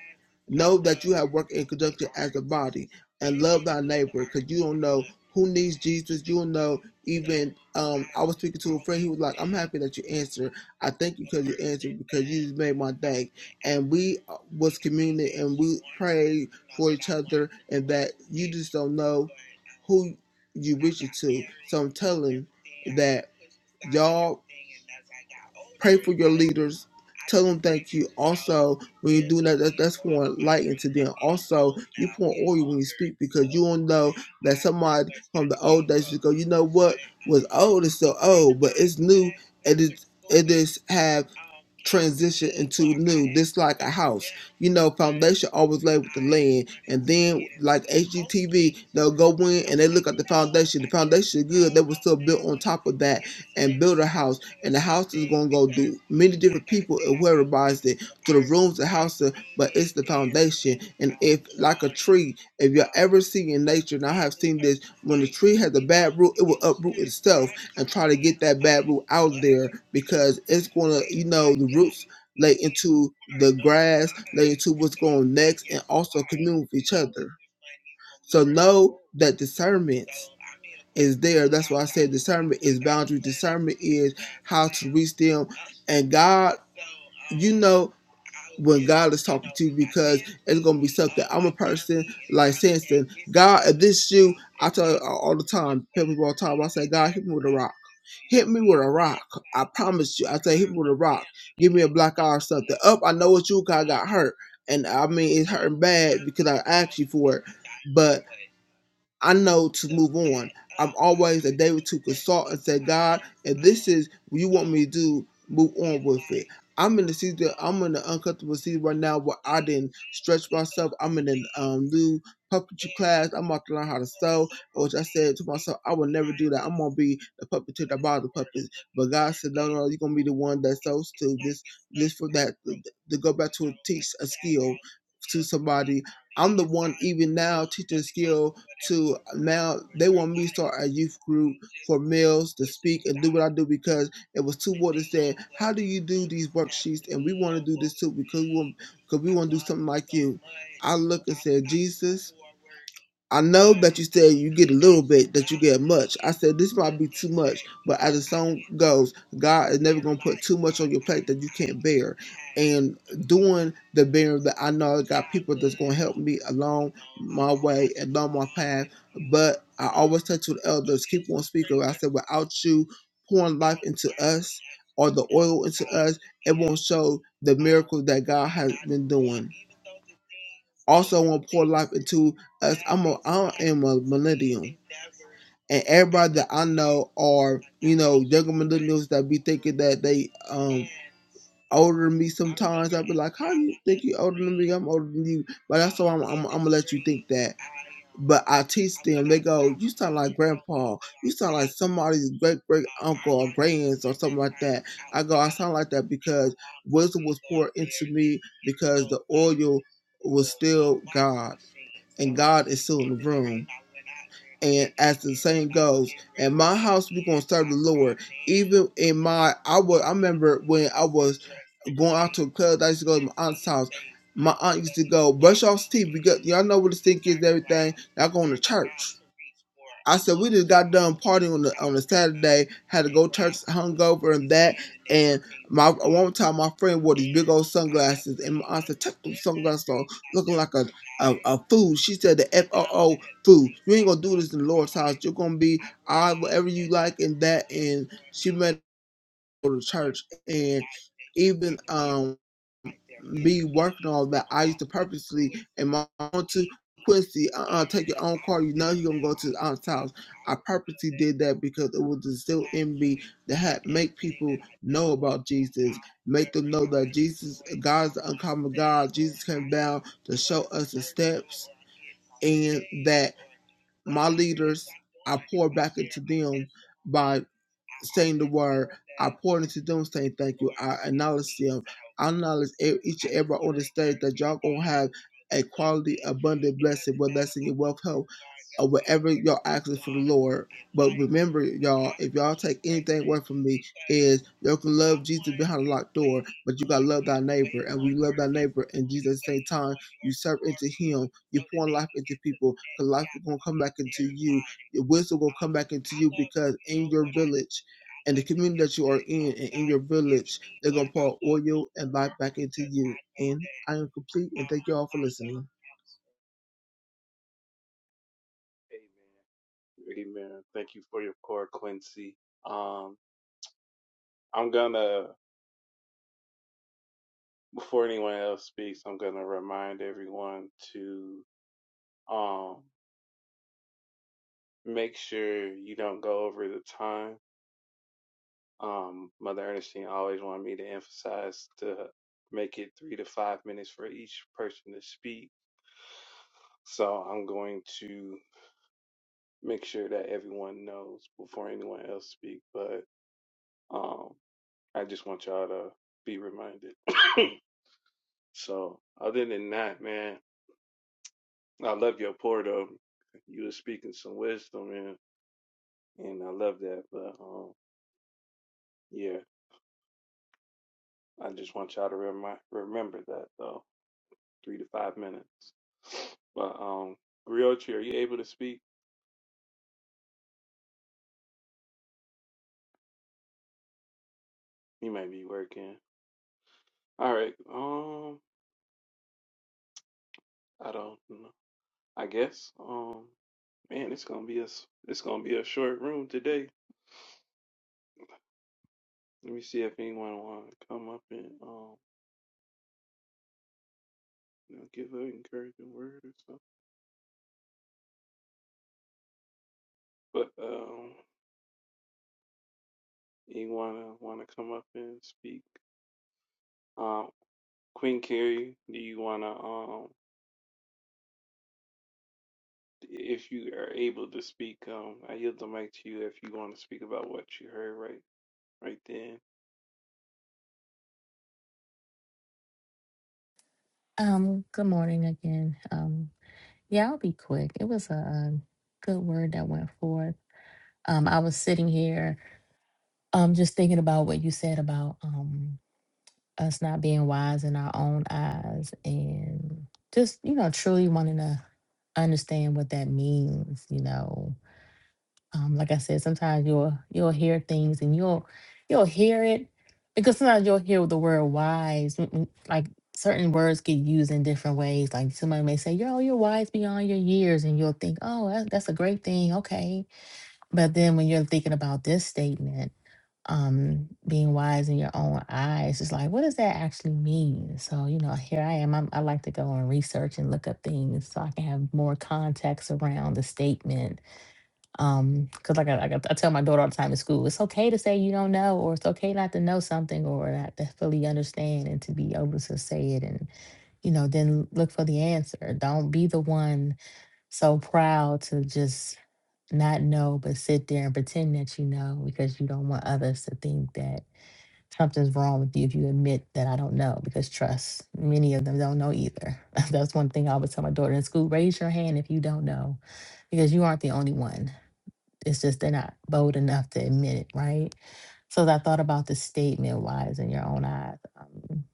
Know that you have worked in conjunction as a body and love thy neighbor because you don't know who needs Jesus. You don't know even um I was speaking to a friend, he was like, I'm happy that you answered. I thank you because you answered because you just made my day. And we uh, was community and we prayed for each other and that you just don't know who you reach it to. So I'm telling that y'all Pray for your leaders. Tell them thank you. Also, when you do that, that that's pouring light into them. Also, you pour oil when you speak because you don't know that somebody from the old days ago, you know what was old is still old, but it's new and it it is have transition into new. This like a house. You know, foundation always lay with the land. And then like HGTV, they'll go in and they look at the foundation. The foundation is good. They will still build on top of that and build a house. And the house is gonna go do many different people and whoever buys it to the rooms, the house, uh, but it's the foundation. And if like a tree, if you ever see in nature, and I have seen this, when the tree has a bad root, it will uproot itself and try to get that bad root out there because it's gonna, you know, the roots lay into the grass, lay into what's going on next, and also commune with each other. So know that discernment is there. That's why I said discernment is boundary. Discernment is how to reach them, and God, you know when God is talking to you because it's gonna be something. I'm a person like Samson. God, if this shoe, I tell you all the time, tell people all the time. I say, God, hit me with a rock. Hit me with a rock. I promise you. I say, hit me with a rock. Give me a black eye or something. Up, I know it's you. 'cause I got hurt, and I mean it's hurting bad because I asked you for it. but. I know to move on. I'm always a day or two consult and say, God, if this is what you want me to do, move on with it. I'm in the season, I'm in the uncomfortable season right now where I didn't stretch myself. I'm in a um, new puppetry class. I'm about to learn how to sew, which I said to myself, I will never do that. I'm going to be the puppeteer that buys the puppets. But God said, no, no, no, you're going to be the one that sews to this, this for that, to go back to teach a skill to somebody. I'm the one even now teaching skill to now they want me to start a youth group for males to speak and do what I do because it was two boys that said, How do you do these worksheets? And we want to do this too because we want, because we want to do something like you. I look and said, Jesus. I know that you said you get a little bit, that you get much. I said this might be too much, but as the song goes, God is never gonna put too much on your plate that you can't bear. And doing the bearing that I know I got people that's gonna help me along my way, along my path. But I always touch with elders, keep on speaking. I said without you pouring life into us or the oil into us, it won't show the miracles that God has been doing. Also, I want to pour life into us. I'm a, I am a millennial, and everybody that I know are you know younger millennials that be thinking that they um older than me. Sometimes I be like, how you think you older than me? I'm older than you, but that's why I'm, I'm I'm gonna let you think that. But I teach them. They go, you sound like grandpa. You sound like somebody's great great uncle or grands or something like that. I go, I sound like that because wisdom was poured into me because the oil was still God and God is still in the room. And as the saying goes, in my house we're gonna serve the Lord. Even in my I was I remember when I was going out to a club, I used to go to my aunt's house. My aunt used to go, brush off teeth because y'all know what the stink is and everything. Y'all going to church. I said we just got done partying on the on the Saturday, had to go church hungover and that. And my one time my friend wore these big old sunglasses, and my aunt said, "Take those sunglasses on, looking like a a, a fool." She said, "The F O O fool. You ain't gonna do this in the Lord's house. You're gonna be I whatever you like and that." And she made her go to church, and even um be working on that. I used to purposely in my own to Quincy, uh, uh, take your own car. You know you're gonna go to the aunt's house. I purposely did that because it was instill in me that had make people know about Jesus, make them know that Jesus, God's the uncommon God. Jesus came down to show us the steps, and that my leaders, I pour back into them by saying the word. I pour into them saying thank you. I acknowledge them. I acknowledge e- each and every on the stage that y'all gonna have a quality, abundant blessing, whether that's in your wealth, health, or whatever y'all asking for the Lord. But remember, y'all, if y'all take anything away from me, is y'all can love Jesus behind a locked door, but you gotta love thy neighbor. And when you love thy neighbor and Jesus at the same time, you serve into him, you pour life into people, because life is gonna come back into you, your wisdom gonna come back into you because in your village and the community that you are in and in your village, they're gonna pour oil and life back into you. And I am complete and thank you all for listening.
Amen. Amen. Thank you for your pour, Quincy. Um, I'm gonna before anyone else speaks, I'm gonna remind everyone to um make sure you don't go over the time. Um, Mother Ernestine always wanted me to emphasize to make it three to five minutes for each person to speak. So I'm going to. make sure that everyone knows before anyone else speak. But um, I just want y'all to be reminded. so other than that, man, I love your pour though. You were speaking some wisdom and and I love that. But um, yeah, I just want y'all to remi- remember that though. Three to five minutes. But um, Griotri, are you able to speak? You might be working. All right. Um, I don't know. I guess. Um. Man, it's gonna be a s- it's gonna be a short room today. Let me see if anyone want to come up and um you know, give an encouraging word or something. But um, anyone want to come up and speak? Um, Queen Carrie, do you wanna um if you are able to speak? Um, I yield the mic to you if you want to speak about what you heard right right then.
Um, good morning again. Um, yeah, I'll be quick. It was a, um good word that went forth. Um, I was sitting here, um, just thinking about what you said about, um. us not being wise in our own eyes and just you know truly wanting to understand what that means you know um, like i said sometimes you'll you'll hear things and you'll you'll hear it because sometimes you'll hear the word wise mm, mm, like certain words get used in different ways like somebody may say yo you're wise beyond your years and you'll think oh that- that's a great thing okay but then when you're thinking about this statement um being wise in your own eyes it's like what does that actually mean so you know here i am I'm, i like to go and research and look up things so i can have more context around the statement um because like I, like I I tell my daughter all the time in school it's okay to say you don't know or it's okay not to know something or not to fully understand and to be able to say it and you know, then look for the answer. Don't be the one so proud to just not know, but sit there and pretend that you know because you don't want others to think that something's wrong with you if you admit that I don't know, because trust, many of them don't know either. That's one thing I always tell my daughter in school raise your hand if you don't know, because you aren't the only one. It's just they're not bold enough to admit it, right? So I thought about the statement, wise in your own eyes. Um,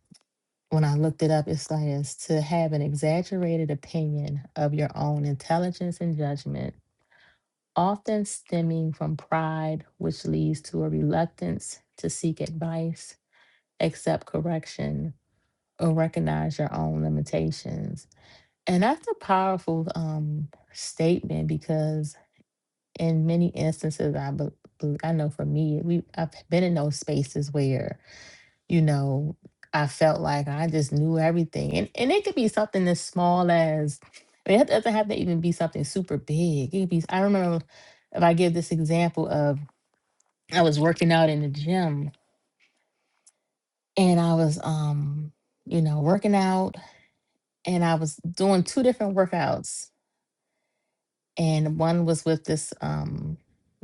when I looked it up, it says to have an exaggerated opinion of your own intelligence and judgment, often stemming from pride, which leads to a reluctance to seek advice accept correction, or recognize your own limitations. And that's a powerful um, statement because in many instances, I bel- bel- I know for me, we I've been in those spaces where you know I felt like I just knew everything, and and it could be something as small as I mean, it doesn't have to even be something super big. It could be. I remember if I give this example of I was working out in the gym, and I was um you know working out and I was doing two different workouts, and one was with this um,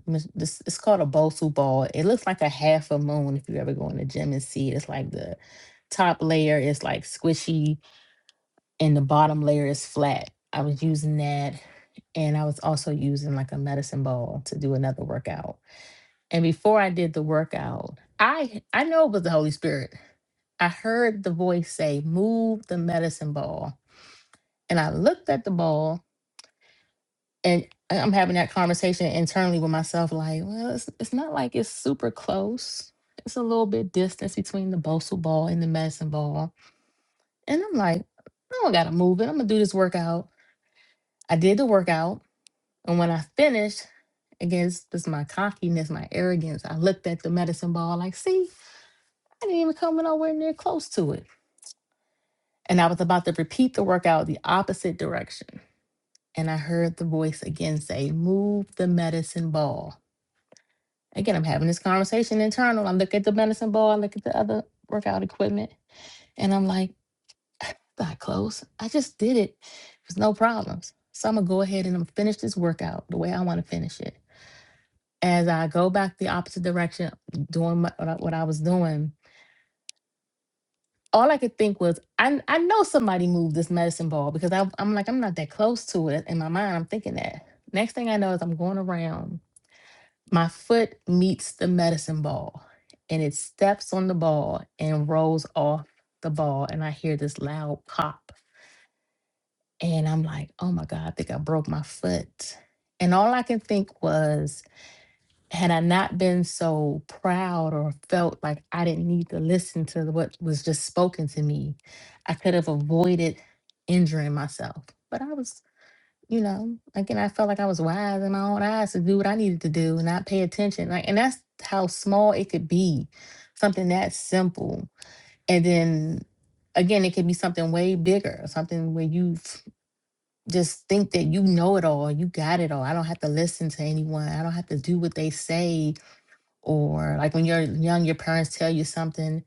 mis- this it's called a Bosu ball. It looks like a half a moon if you ever go in the gym and see it. It's like the top layer is like squishy, and the bottom layer is flat. I was using that, and I was also using like a medicine ball to do another workout. And before I did the workout, I I know it was the Holy Spirit. I heard the voice say, "Move the medicine ball," and I looked at the ball and I- I'm having that conversation internally with myself, like, well, it's, it's not like it's super close. It's a little bit distance between the Bosu ball and the medicine ball. And I'm like, I don't gotta move it. I'm gonna do this workout. I did the workout. And when I finished, again, this this is my cockiness, my arrogance, I looked at the medicine ball like, see, I didn't even come nowhere near close to it. And I was about to repeat the workout the opposite direction. And I heard the voice again say, move the medicine ball. Again, I'm having this conversation internal. I look at the medicine ball, I look at the other workout equipment, and I'm like, not close. I just did it. There's no problems. So I'm gonna go ahead and I'm finish this workout the way I want to finish it. As I go back the opposite direction, doing my, what, I, what I was doing, all I could think was, I I know somebody moved this medicine ball because I, I'm like I'm not that close to it. In my mind, I'm thinking that. Next thing I know is I'm going around My foot meets the medicine ball and it steps on the ball and rolls off the ball. And I hear this loud pop. And I'm like, oh my God, I think I broke my foot. And all I can think was, had I not been so proud or felt like I didn't need to listen to what was just spoken to me, I could have avoided injuring myself. But I was you know, again, I felt like I was wise in my own eyes to do what I needed to do and not pay attention. Like, and that's how small it could be, something that simple. And then again, it could be something way bigger, something where you f- just think that you know it all, you got it all. I don't have to listen to anyone. I don't have to do what they say. Or like when you're young, your parents tell you something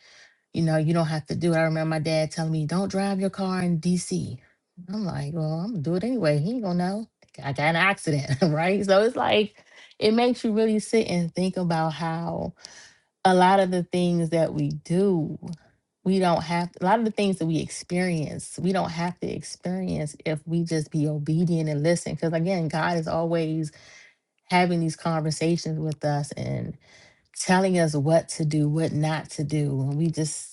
you know, you don't have to do it. I remember my dad telling me, don't drive your car in DC. I'm like, well, I'm gonna do it anyway. He ain't gonna know. I got in an accident, right? So it's like, it makes you really sit and think about how a lot of the things that we do, we don't have, a lot of the things that we experience, we don't have to experience if we just be obedient and listen. Because again, God is always having these conversations with us and telling us what to do, what not to do. And we just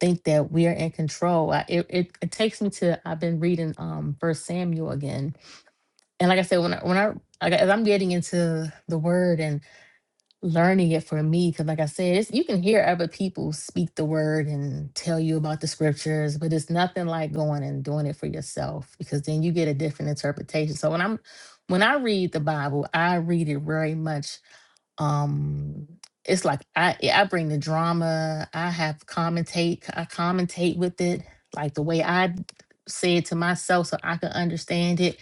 think that we are in control. I, it, it it takes me to I've been reading um First Samuel again, and like I said, when I, when I like, as I'm getting into the word and learning it for me, because like I said, it's, you can hear other people speak the word and tell you about the scriptures, but it's nothing like going and doing it for yourself because then you get a different interpretation. So when I'm when I read the Bible, I read it very much um it's like i yeah, i bring the drama i have commentate i commentate with it like the way i d- say it to myself so i can understand it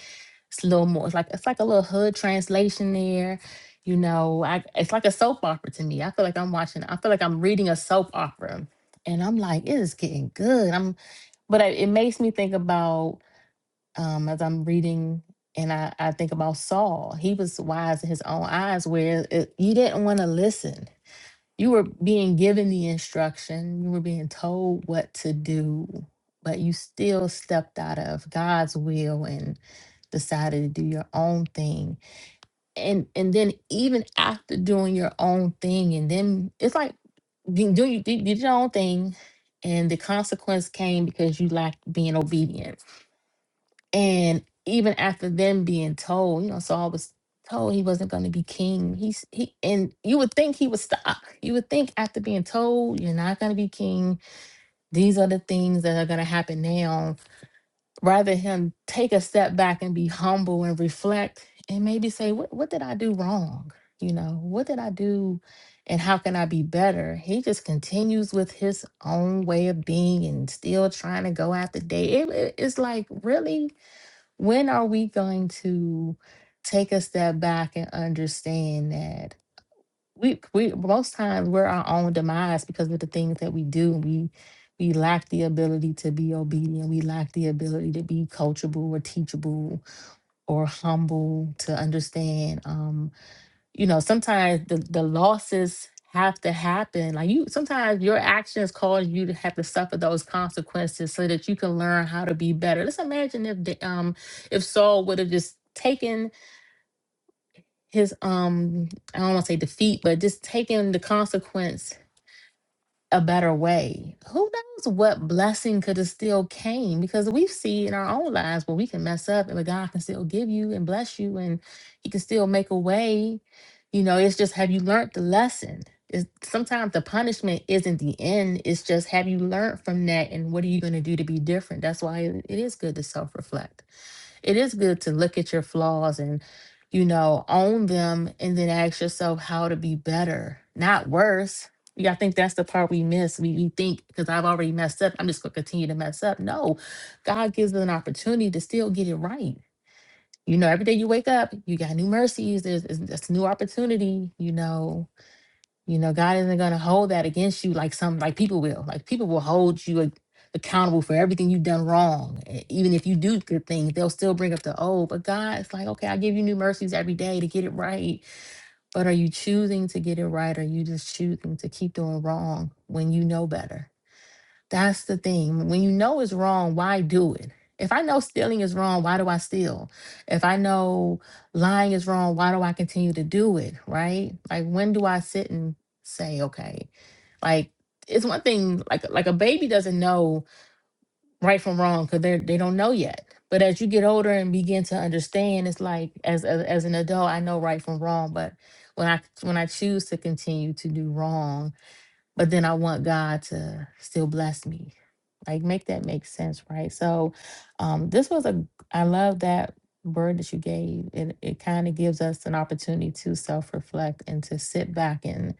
it's a little more it's like it's like a little hood translation there you know i it's like a soap opera to me i feel like i'm watching i feel like i'm reading a soap opera and i'm like it is getting good i'm but I- it makes me think about um, as I'm reading and I, I think about Saul. He was wise in his own eyes, where it, you didn't want to listen. You were being given the instruction, you were being told what to do, but you still stepped out of God's will and decided to do your own thing. And and then even after doing your own thing, and then it's like you do you did you did your own thing, and the consequence came because you lacked being obedient and even after them being told, you know, Saul was told he wasn't going to be king. He's he, and you would think he would stop. You would think after being told you're not going to be king, these are the things that are going to happen now. Rather him take a step back and be humble and reflect, and maybe say, "What what did I do wrong? You know, what did I do?" And how can I be better? He just continues with his own way of being and still trying to go after day. It, it- it's like, really? When are we going to take a step back and understand that we we most times we're our own demise because of the things that we do. We we lack the ability to be obedient. We lack the ability to be coachable or teachable or humble to understand. um, you know, sometimes the, the losses have to happen. Like you, sometimes your actions cause you to have to suffer those consequences so that you can learn how to be better. Let's imagine if the, um if Saul would have just taken his um I don't want to say defeat, but just taking the consequence a better way. Who knows what blessing could have still came? Because we see in our own lives where we can mess up and but God can still give you and bless you and He can still make a way. You know, it's just have you learned the lesson? Is sometimes the punishment isn't the end. It's just have you learned from that and what are you going to do to be different? That's why it it is good to self reflect it is good to look at your flaws and you know own them and then ask yourself how to be better not worse yeah i think that's the part we miss we, we think because i've already messed up i'm just going to continue to mess up no god gives us an opportunity to still get it right you know every day you wake up you got new mercies there's, there's, there's new opportunity you know you know, God isn't going to hold that against you like some, like people will. Like people will hold you ac- accountable for everything you've done wrong. E- Even if you do good things, they'll still bring up the old. But God's like, okay, I give you new mercies every day to get it right. But are you choosing to get it right? Or are you just choosing to keep doing wrong when you know better? That's the thing. When you know it's wrong, why do it? If I know stealing is wrong, why do I steal? If I know lying is wrong, why do I continue to do it? Right? Like when do I sit and say, okay, like it's one thing like like a baby doesn't know right from wrong because they they don't know yet. But as you get older and begin to understand, it's like as, as as an adult, I know right from wrong. But when I when I choose to continue to do wrong, but then I want God to still bless me. Like make that make sense, right? So um this was a I love that word that you gave. It it kind of gives us an opportunity to self-reflect and to sit back and,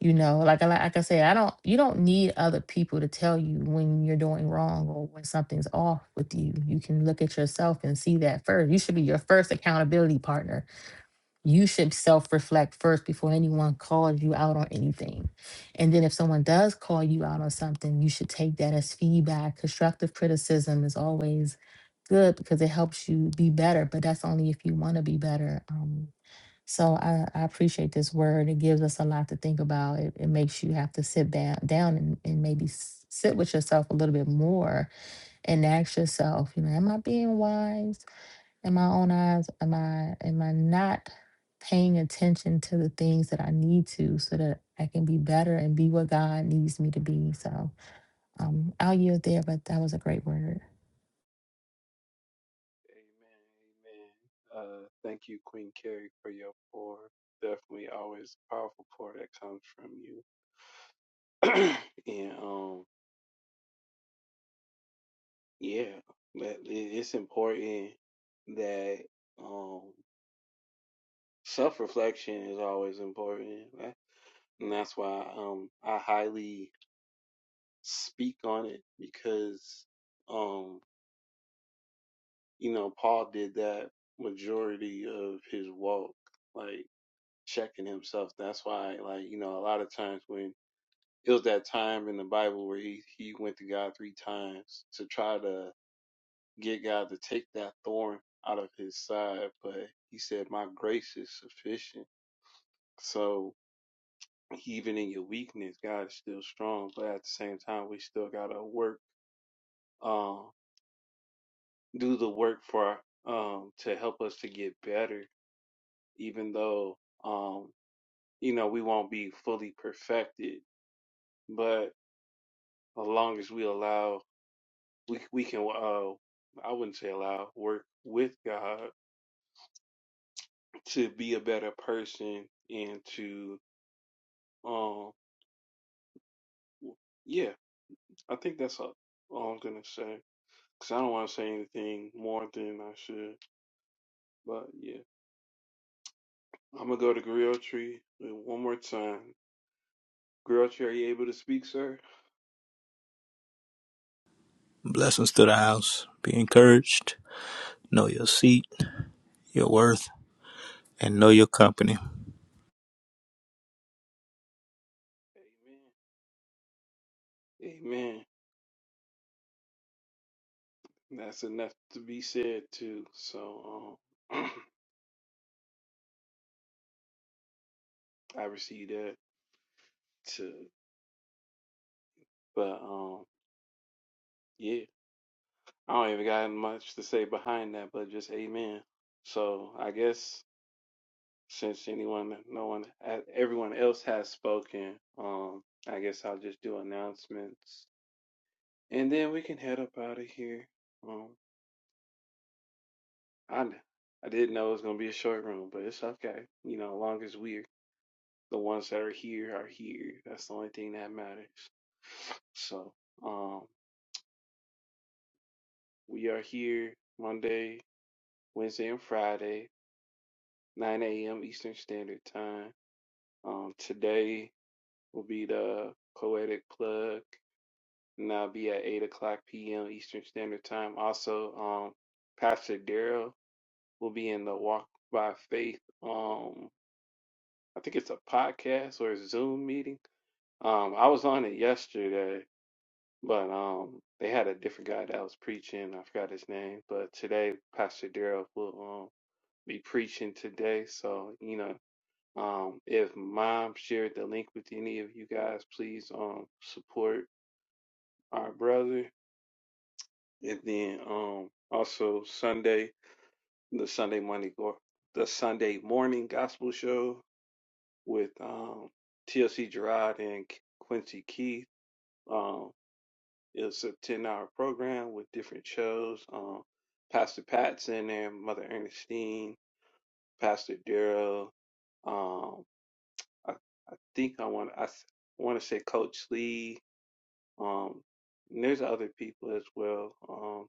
you know, like I like I say, I don't you don't need other people to tell you when you're doing wrong or when something's off with you. You can look at yourself and see that first. You should be your first accountability partner you should self reflect first before anyone calls you out on anything. And then if someone does call you out on something, you should take that as feedback. Constructive criticism is always good because it helps you be better, but that's only if you want to be better. Um, so I, I appreciate this word. It gives us a lot to think about. It, it makes you have to sit ba- down and, and maybe s- sit with yourself a little bit more and ask yourself, you know, am I being wise? in my own eyes am i am i not paying attention to the things that i need to so that i can be better and be what god needs me to be so um i'll yield there but that was a great word
Amen, amen. Uh, thank you, Queen Carrie, for your pour. Definitely, always a powerful pour that comes from you. and um, yeah, that it, it's important that um, self reflection is always important, right? and that's why um, I highly speak on it because um, you know Paul did that majority of his walk, like checking himself. That's why, like you know, a lot of times when it was that time in the Bible where he, he went to God three times to try to get God to take that thorn out of his side, but he said, My grace is sufficient. So even in your weakness, God is still strong, but at the same time, we still gotta work, um, do the work for, um, to help us to get better, even though, um, you know, we won't be fully perfected, but as long as we allow, we, we can, uh, I wouldn't say allow, work with God to be a better person and to Um, w- yeah, I think that's all, all I'm gonna say. Cause I don't want to say anything more than I should. But yeah, I'm gonna go to Grill Tree one more time. Grill Tree, are you able to speak, sir?
Blessings to the house. Be encouraged. Know your seat, your worth, and know your company.
Amen. Amen. That's enough to be said too. So um, I receive that too. But um, yeah, I don't even got much to say behind that, but just amen. So I guess since anyone, no one, everyone else has spoken, um, I guess I'll just do announcements, and then we can head up out of here. Um, I I didn't know it was gonna be a short room, but it's okay. You know, as long as we're the ones that are here are here. That's the only thing that matters. So, um, we are here Monday, Wednesday, and Friday, 9 a.m. Eastern Standard Time. Um, today will be the poetic plug and that'll be at 8 o'clock p.m. Eastern Standard Time. Also, um, Pastor Daryl will be in the Walk by Faith. Um, I think it's a podcast or a Zoom meeting. Um, I was on it yesterday, but um, they had a different guy that was preaching. I forgot his name, but today Pastor Daryl will um, be preaching today. So you know, um, if Mom shared the link with any of you guys, please um support our brother And then um also Sunday, the Sunday morning go- the Sunday morning gospel show with um TLC Gerard and Quincy Keith. Um it's a ten hour program with different shows. Um Pastor Pat's in there, Mother Ernestine, Pastor Darrell, um I, I think I want I want to say Coach Lee, um and there's other people as well. Um.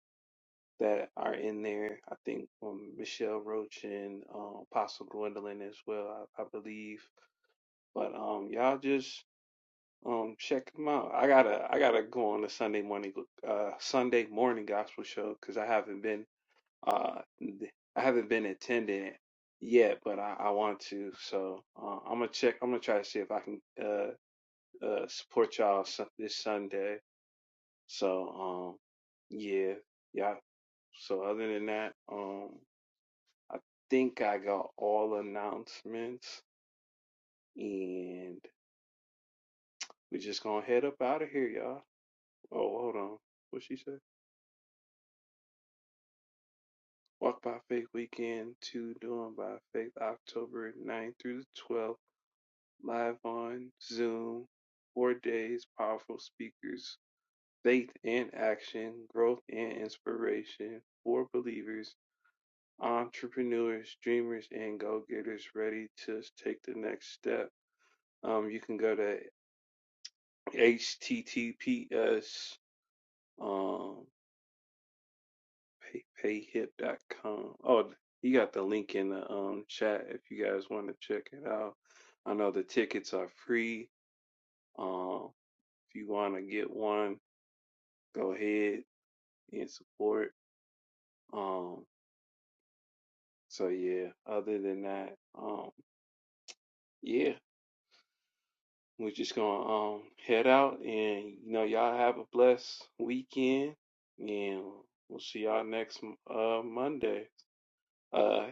that are in there. I think um, Michelle Roach and um, Apostle Gwendolyn as well, I, I believe. But um, y'all just um, check them out. I gotta I gotta go on the Sunday morning uh, Sunday morning gospel show because I haven't been uh, I haven't been attending it yet, but I, I want to. So uh, I'm gonna check. I'm gonna try to see if I can uh, uh, support y'all Sun- this Sunday. So um, yeah, yeah. So other than that, um. I think I got all announcements, and we're just gonna head up out of here, y'all. Oh, hold on. What she said? Walk by Faith Weekend 2 Doing by Faith October ninth through the 12th, live on Zoom. Four days, powerful speakers, faith and action, growth and inspiration for believers, entrepreneurs, dreamers, and go getters ready to take the next step. Um, you can go to https um pay, payhip.com oh you got the link in the um chat if you guys want to check it out i know the tickets are free um if you want to get one go ahead and support um so yeah other than that um yeah we're just gonna um head out and you know y'all have a blessed weekend and we'll see y'all next uh monday uh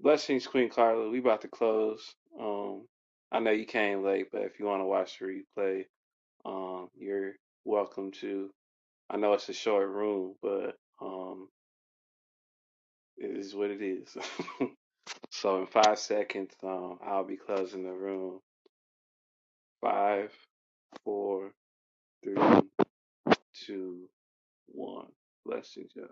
Blessings, Queen Carla. We about to close. Um, I know you came late, but if you want to watch the replay, um, you're welcome to. I know it's a short room, but um, it is what it is. so in five seconds, um, I'll be closing the room. Five, four, three, two, one. Blessings, y'all.